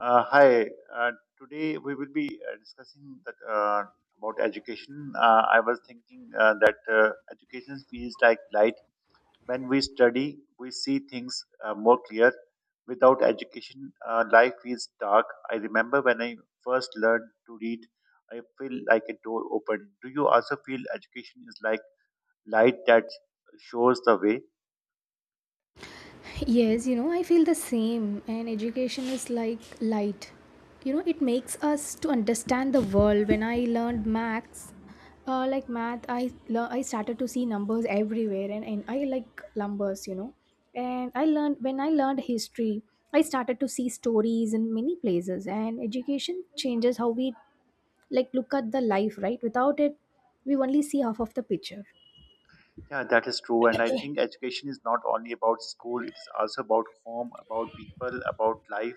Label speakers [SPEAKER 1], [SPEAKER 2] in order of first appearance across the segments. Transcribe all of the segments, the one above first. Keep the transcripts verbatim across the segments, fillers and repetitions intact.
[SPEAKER 1] Uh, hi. Uh, Today we will be uh, discussing that, uh, about education. Uh, I was thinking uh, that uh, education feels like light. When we study, we see things uh, more clear. Without education, uh, life feels dark. I remember when I first learned to read, I feel like a door opened. Do you also feel education is like light that shows the way?
[SPEAKER 2] Yes, you know, I feel the same. And education is like light. You know, it makes us to understand the world. When I learned maths, uh, like math, I lear- I started to see numbers everywhere, and, and I like numbers. You know, and I learned when I learned history, I started to see stories in many places. And education changes how we like look at the life, right? Without it, we only see half of the picture.
[SPEAKER 1] Yeah, that is true. And I think education is not only about school, it is also about home, about people, about life.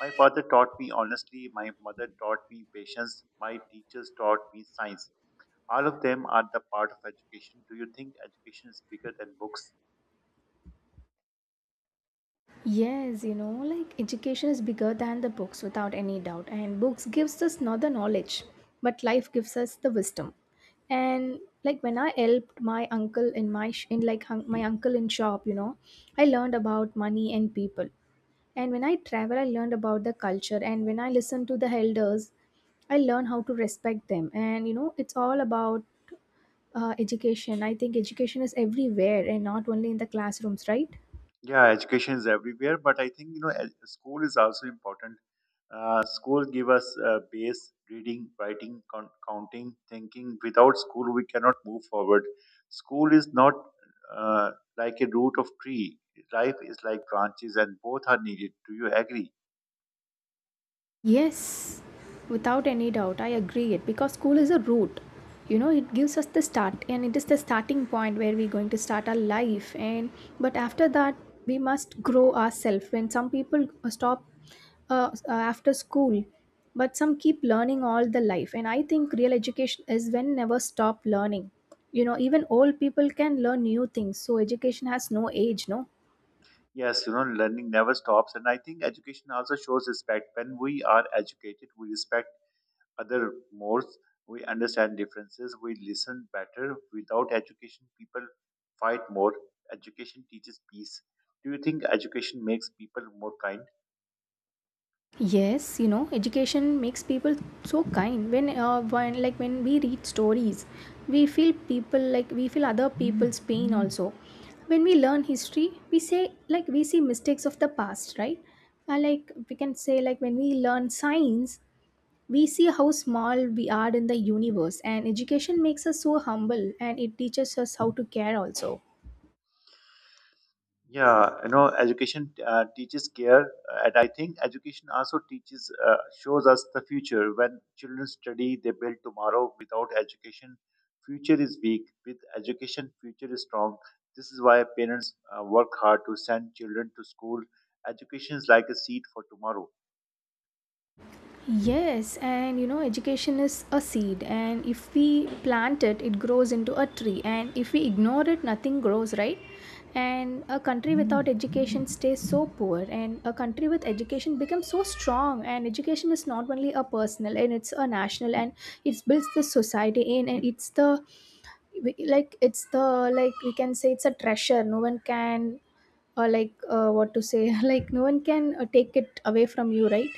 [SPEAKER 1] My father taught me honestly, my mother taught me patience, my teachers taught me science. All of them are the part of education. Do you think education is bigger than books?
[SPEAKER 2] Yes, you know, like education is bigger than the books without any doubt. And books gives us not the knowledge, but life gives us the wisdom. And like when I helped my uncle in my sh- in like hun- my uncle in shop, you know, I learned about money and people. And when I travel, I learned about the culture. And when I listen to the elders, I learn how to respect them. And you know, it's all about uh, education. I think education is everywhere and not only in the classrooms, right?
[SPEAKER 1] Yeah, education is everywhere, but I think you know ed- school is also important. Uh, school give us uh, base reading, writing, con- counting, thinking. Without school, we cannot move forward. School is not uh, like a root of tree. Life is like branches, and both are needed. Do you agree?
[SPEAKER 2] Yes, without any doubt, I agree it because school is a route. You know, it gives us the start and it is the starting point where we're going to start our life, and but after that we must grow ourselves. When some people uh, stop uh, uh, after school, but some keep learning all the life, and I think real education is when never stop learning. You know, even old people can learn new things. So education has no age, no?
[SPEAKER 1] Yes, you know learning never stops, and I think education also shows respect. When we are educated, we respect other more. We understand differences. We listen better. Without education, people fight more. Education teaches peace. Do you think education makes people more kind?
[SPEAKER 2] Yes, you know, education makes people so kind. When, uh, when like when we read stories, we feel people like we feel other people's pain also. When we learn history, we say like we see mistakes of the past, right? Uh, like we can say like when we learn science, we see how small we are in the universe, and education makes us so humble, and it teaches us how to care also.
[SPEAKER 1] Yeah, you know, education uh, teaches care, uh, and I think education also teaches, uh, shows us the future. When children study, they build tomorrow. Without education, future is weak. With education, future is strong. This is why parents uh, work hard to send children to school. Education is like a seed for tomorrow.
[SPEAKER 2] Yes, and you know, education is a seed, and if we plant it, it grows into a tree, and if we ignore it, nothing grows, right? And a country without education stays so poor, and a country with education becomes so strong. And education is not only a personal, and it's a national, and it builds the society in, and it's the like it's the like we can say it's a treasure. No one can or like uh, what to say like no one can uh, take it away from you, right.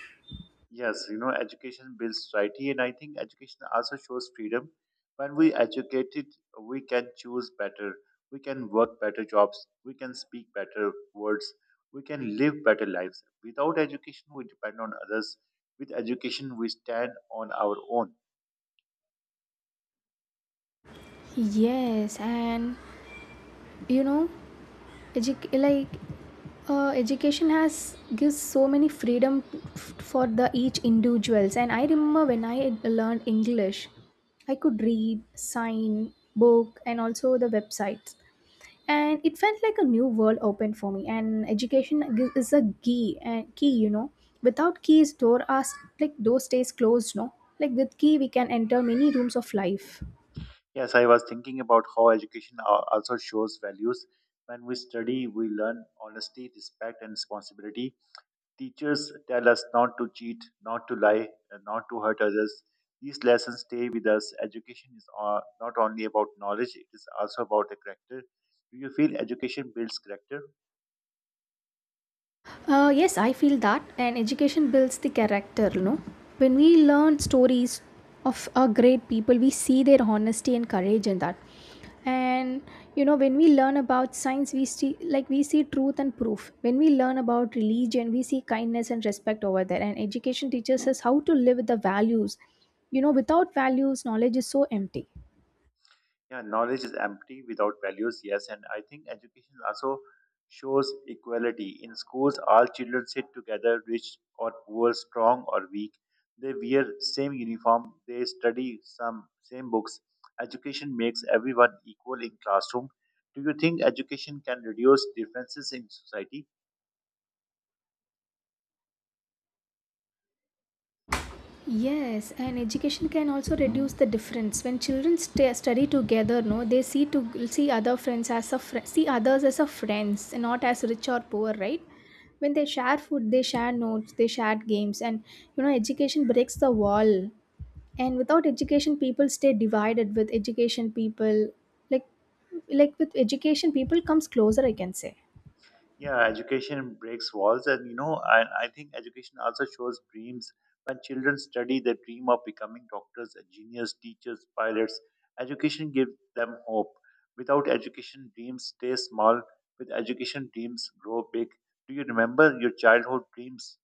[SPEAKER 1] Yes, you know, education builds society, and I think education also shows freedom. When we educated, we can choose better, we can work better jobs, we can speak better words, we can live better lives. Without education, we depend on others. With education, we stand on our own.
[SPEAKER 2] Yes, and you know, edu- like uh, education has gives so many freedom f- for the each individuals. And I remember when I had learned English, I could read, sign, book, and also the websites. And it felt like a new world opened for me. And education gi- is a key, and key, you know. Without keys, door us like door stays closed. No, like with key, we can enter many rooms of life.
[SPEAKER 1] Yes, I was thinking about how education al- also shows values. When we study, we learn honesty, respect, and responsibility. Teachers tell us not to cheat, not to lie, and not to hurt others. These lessons stay with us. Education is uh, not only about knowledge, it is also about a character. Do you feel education builds character?
[SPEAKER 2] Uh, yes, I feel that, and education builds the character. You know, when we learn stories of our great people, we see their honesty and courage in that. And you know, when we learn about science, we see like we see truth and proof. When we learn about religion, we see kindness and respect over there. And education teaches us how to live with the values. You know, without values, knowledge is so empty.
[SPEAKER 1] Yeah, knowledge is empty without values, yes. And I think education also shows equality. In schools, all children sit together, rich or poor, strong or weak. They wear same uniform, they study some same books. Education makes everyone equal in classroom. Do you think education can reduce differences in society?
[SPEAKER 2] Yes, and education can also reduce the difference. When children st- study together, no, they see to see other friends as a fr- see others as a friends, and not as rich or poor, right? When they share food, they share notes, they share games, and you know, education breaks the wall. And without education, people stay divided. With education, people like like with education, people comes closer. I can say.
[SPEAKER 1] Yeah, education breaks walls, and you know, I, I think education also shows dreams. When children study, they dream of becoming doctors, engineers, teachers, pilots. Education gives them hope. Without education, dreams stay small. With education, dreams grow big. Do you remember your childhood dreams?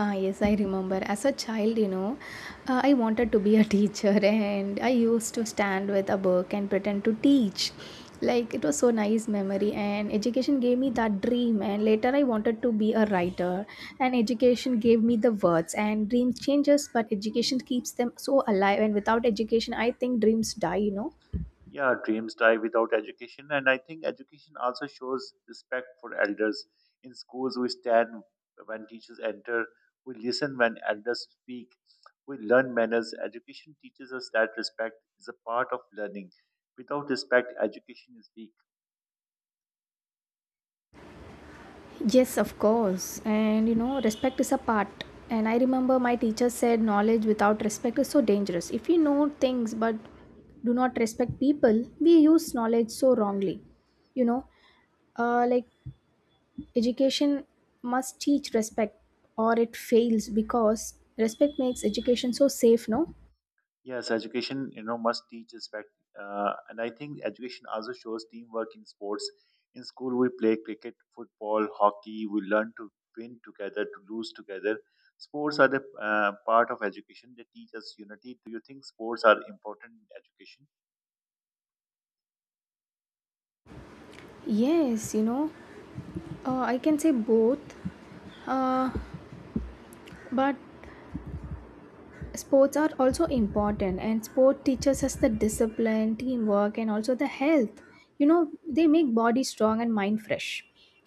[SPEAKER 2] Ah, yes, I remember. As a child, you know, uh, I wanted to be a teacher, and I used to stand with a book and pretend to teach. Like it was so nice memory, and education gave me that dream, and later I wanted to be a writer, and education gave me the words, and dreams changes but education keeps them so alive, and without education I think dreams die, you know.
[SPEAKER 1] Yeah, dreams die without education, and I think education also shows respect for elders. In schools, we stand when teachers enter, we listen when elders speak, we learn manners. Education teaches us that respect is a part of learning. Without respect, education is weak.
[SPEAKER 2] Yes, of course. And you know, respect is a part. And I remember my teacher said knowledge without respect is so dangerous. If we know things but do not respect people, we use knowledge so wrongly. You know, uh, like education must teach respect or it fails because respect makes education so safe, no?
[SPEAKER 1] Yes, education, you know, must teach respect. Uh, and I think education also shows teamwork in sports. In school, we play cricket, football, hockey. We learn to win together, to lose together. Sports are the uh, part of education. They teach us unity. Do you think sports are important in education?
[SPEAKER 2] Yes, you know, uh, I can say both, uh, but sports are also important, and sport teaches us the discipline, teamwork, and also the health you know they make body strong and mind fresh.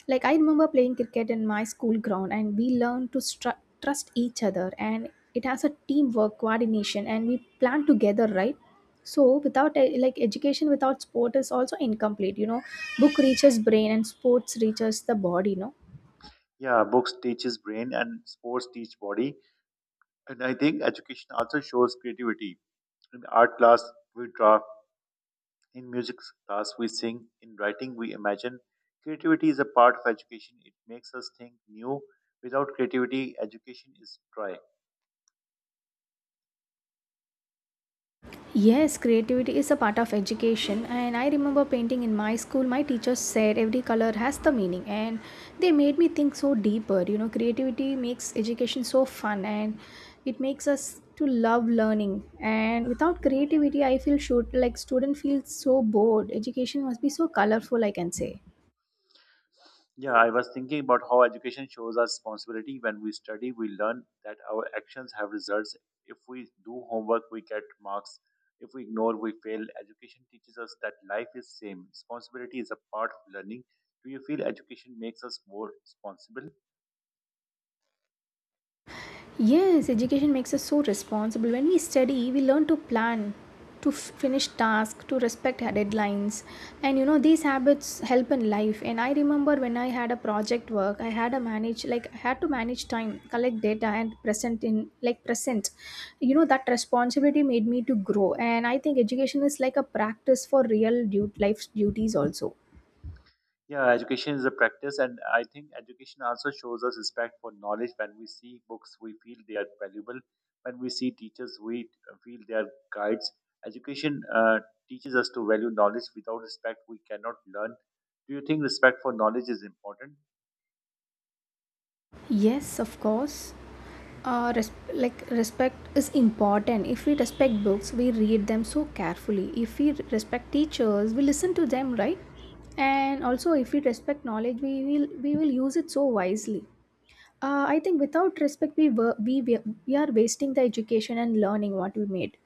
[SPEAKER 2] Like I remember playing cricket in my school ground, and we learned to stru- trust each other, and it has a teamwork coordination, and we plan together, right? So without e- like education without sport is also incomplete you know Book reaches brain and sports reaches the body, no?
[SPEAKER 1] Yeah, books teaches brain and sports teach body. And I think education also shows creativity. In art class, we draw. In music class, we sing. In writing, we imagine. Creativity is a part of education. It makes us think new. Without creativity, education is dry.
[SPEAKER 2] Yes, creativity is a part of education, and I remember painting in my school. My teachers said every color has the meaning, and they made me think so deeper. You know, creativity makes education so fun, and it makes us to love learning. And without creativity, I feel shoot like student feels so bored. Education must be so colorful, I can say.
[SPEAKER 1] Yeah, I was thinking about how education shows us responsibility. When we study, we learn that our actions have results. If we do homework, we get marks. If we ignore, we fail. Education teaches us that life is same. Responsibility is a part of learning. Do you feel education makes us more responsible?
[SPEAKER 2] Yes, education makes us so responsible. When we study, we learn to plan, to f- finish tasks, to respect deadlines. And you know, these habits help in life. And I remember when I had a project work, I had a manage like I had to manage time, collect data, and present in like present. You know, that responsibility made me to grow. And I think education is like a practice for real du- life duties also.
[SPEAKER 1] Yeah, education is a practice, and I think education also shows us respect for knowledge. When we see books, we feel they are valuable. When we see teachers, we feel they are guides. Education uh, teaches us to value knowledge. Without respect, we cannot learn. Do you think respect for knowledge is important?
[SPEAKER 2] Yes, of course. uh, res- like respect is important. If we respect books we read them so carefully. If we respect teachers we listen to them, right? And also if we respect knowledge, we will we will use it so wisely. Uh, i think without respect we, were, we we we are wasting the education and learning what we made.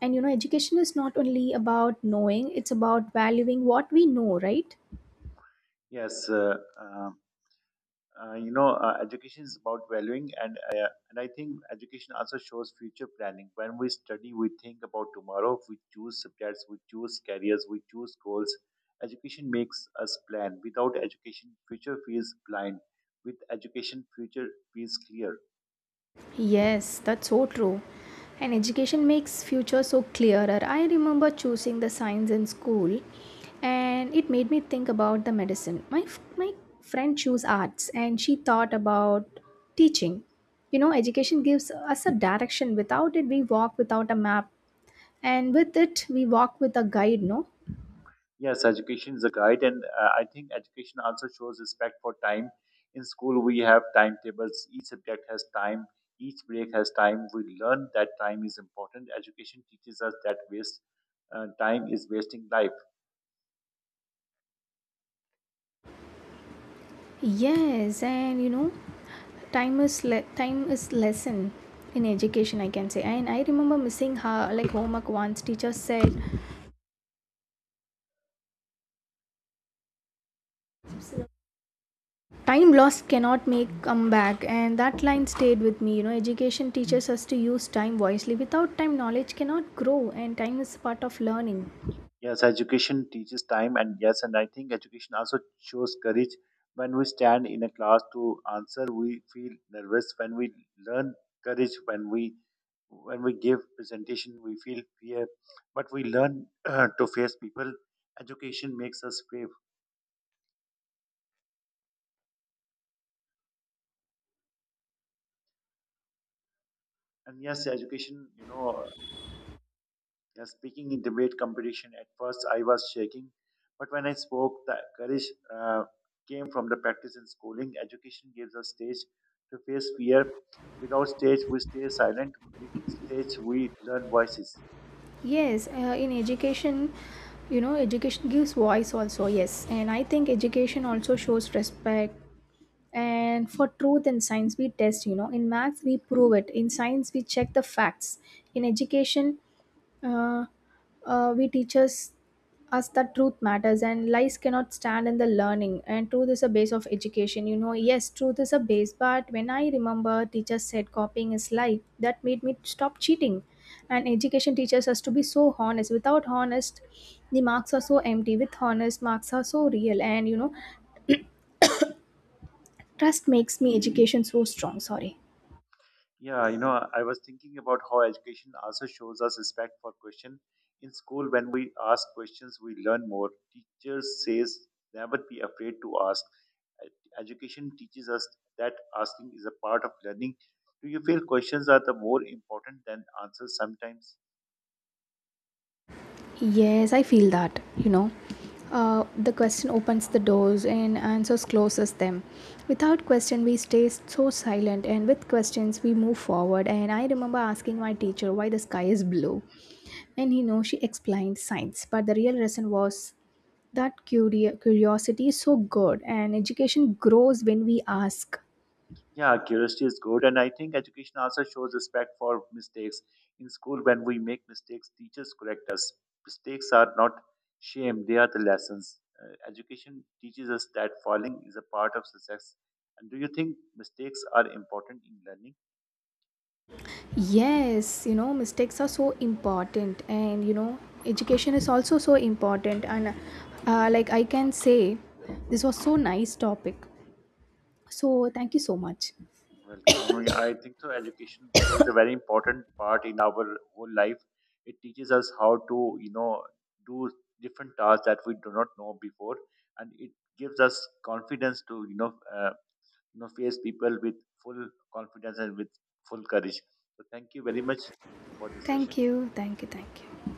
[SPEAKER 2] And you know, education is not only about knowing, it's about valuing what we know, right?
[SPEAKER 1] Yes. Uh, uh, uh, you know, uh, education is about valuing, and uh, and I think education also shows future planning. When we study, we think about tomorrow, we choose subjects, we choose careers, we choose goals. Education makes us plan. Without education, future feels blind. With education, future feels clear.
[SPEAKER 2] Yes, that's so true. And education makes future so clearer. I remember choosing the science in school, and it made me think about the medicine. My f- my friend chose arts and she thought about teaching. You know, education gives us a direction. Without it we walk without a map, and with it we walk with a guide, no?
[SPEAKER 1] Yes, education is a guide, and uh, I think education also shows respect for time. In school, we have timetables, each subject has time, each break has time. We learn that time is important. Education teaches us that waste uh, time is wasting life.
[SPEAKER 2] Yes, and you know, time is le- time is lesson in education, I can say. And I remember missing her like homework once. Teacher said, "Time lost cannot make comeback," and that line stayed with me. You know, education teaches us to use time wisely. Without time, knowledge cannot grow, and time is part of learning.
[SPEAKER 1] Yes, education teaches time, and yes, and I think education also shows courage. When we stand in a class to answer, we feel nervous. When we learn courage, when we when we give presentation, we feel fear. But we learn to face people. Education makes us brave, and yes, education, you know. Yeah, speaking in debate competition, at first I was shaking, but when I spoke, the courage uh, came from the practice in schooling. Education gives us stage to face fear. Without stage, we stay silent. With stage, we learn voices.
[SPEAKER 2] Yes, uh, in education, you know, education gives voice also. Yes, and I think education also shows respect and for truth. In science we test, you know in maths we prove it, in science we check the facts. In education, uh, uh, we teaches us that truth matters and lies cannot stand in the learning, and truth is a base of education, you know yes, truth is a base. But when I remember teachers said copying is lie, that made me stop cheating, and education teaches us to be so honest. Without honest, the marks are so empty. With honest, marks are so real, and you know trust makes me education so strong. Sorry.
[SPEAKER 1] Yeah, you know, I was thinking about how education also shows us respect for question. In school, when we ask questions, we learn more. Teachers says never be afraid to ask. Ed- Education teaches us that asking is a part of learning. Do you feel questions are the more important than answers sometimes?
[SPEAKER 2] Yes, I feel that, you know. Uh, the question opens the doors and answers closes them. Without question, we stay so silent, and with questions, we move forward. And I remember asking my teacher why the sky is blue, and you know, she explained science, but the real reason was that curio- curiosity is so good, and education grows when we ask.
[SPEAKER 1] Yeah, curiosity is good. And I think education also shows respect for mistakes. In school, when we make mistakes, teachers correct us. Mistakes are not shame, they are the lessons. Uh, education teaches us that falling is a part of success. And do you think mistakes are important in learning?
[SPEAKER 2] Yes, you know, mistakes are so important, and you know, education is also so important. And uh, like I can say, this was so nice topic. So thank you so much.
[SPEAKER 1] Well, Kamal, I think so. Education plays a very important part in our whole life. It teaches us how to, you know, do different tasks that we do not know before, and it gives us confidence to, you know, uh, you know face people with full confidence and with full courage. So thank you very much for this session.
[SPEAKER 2] Thank you, thank you, thank you.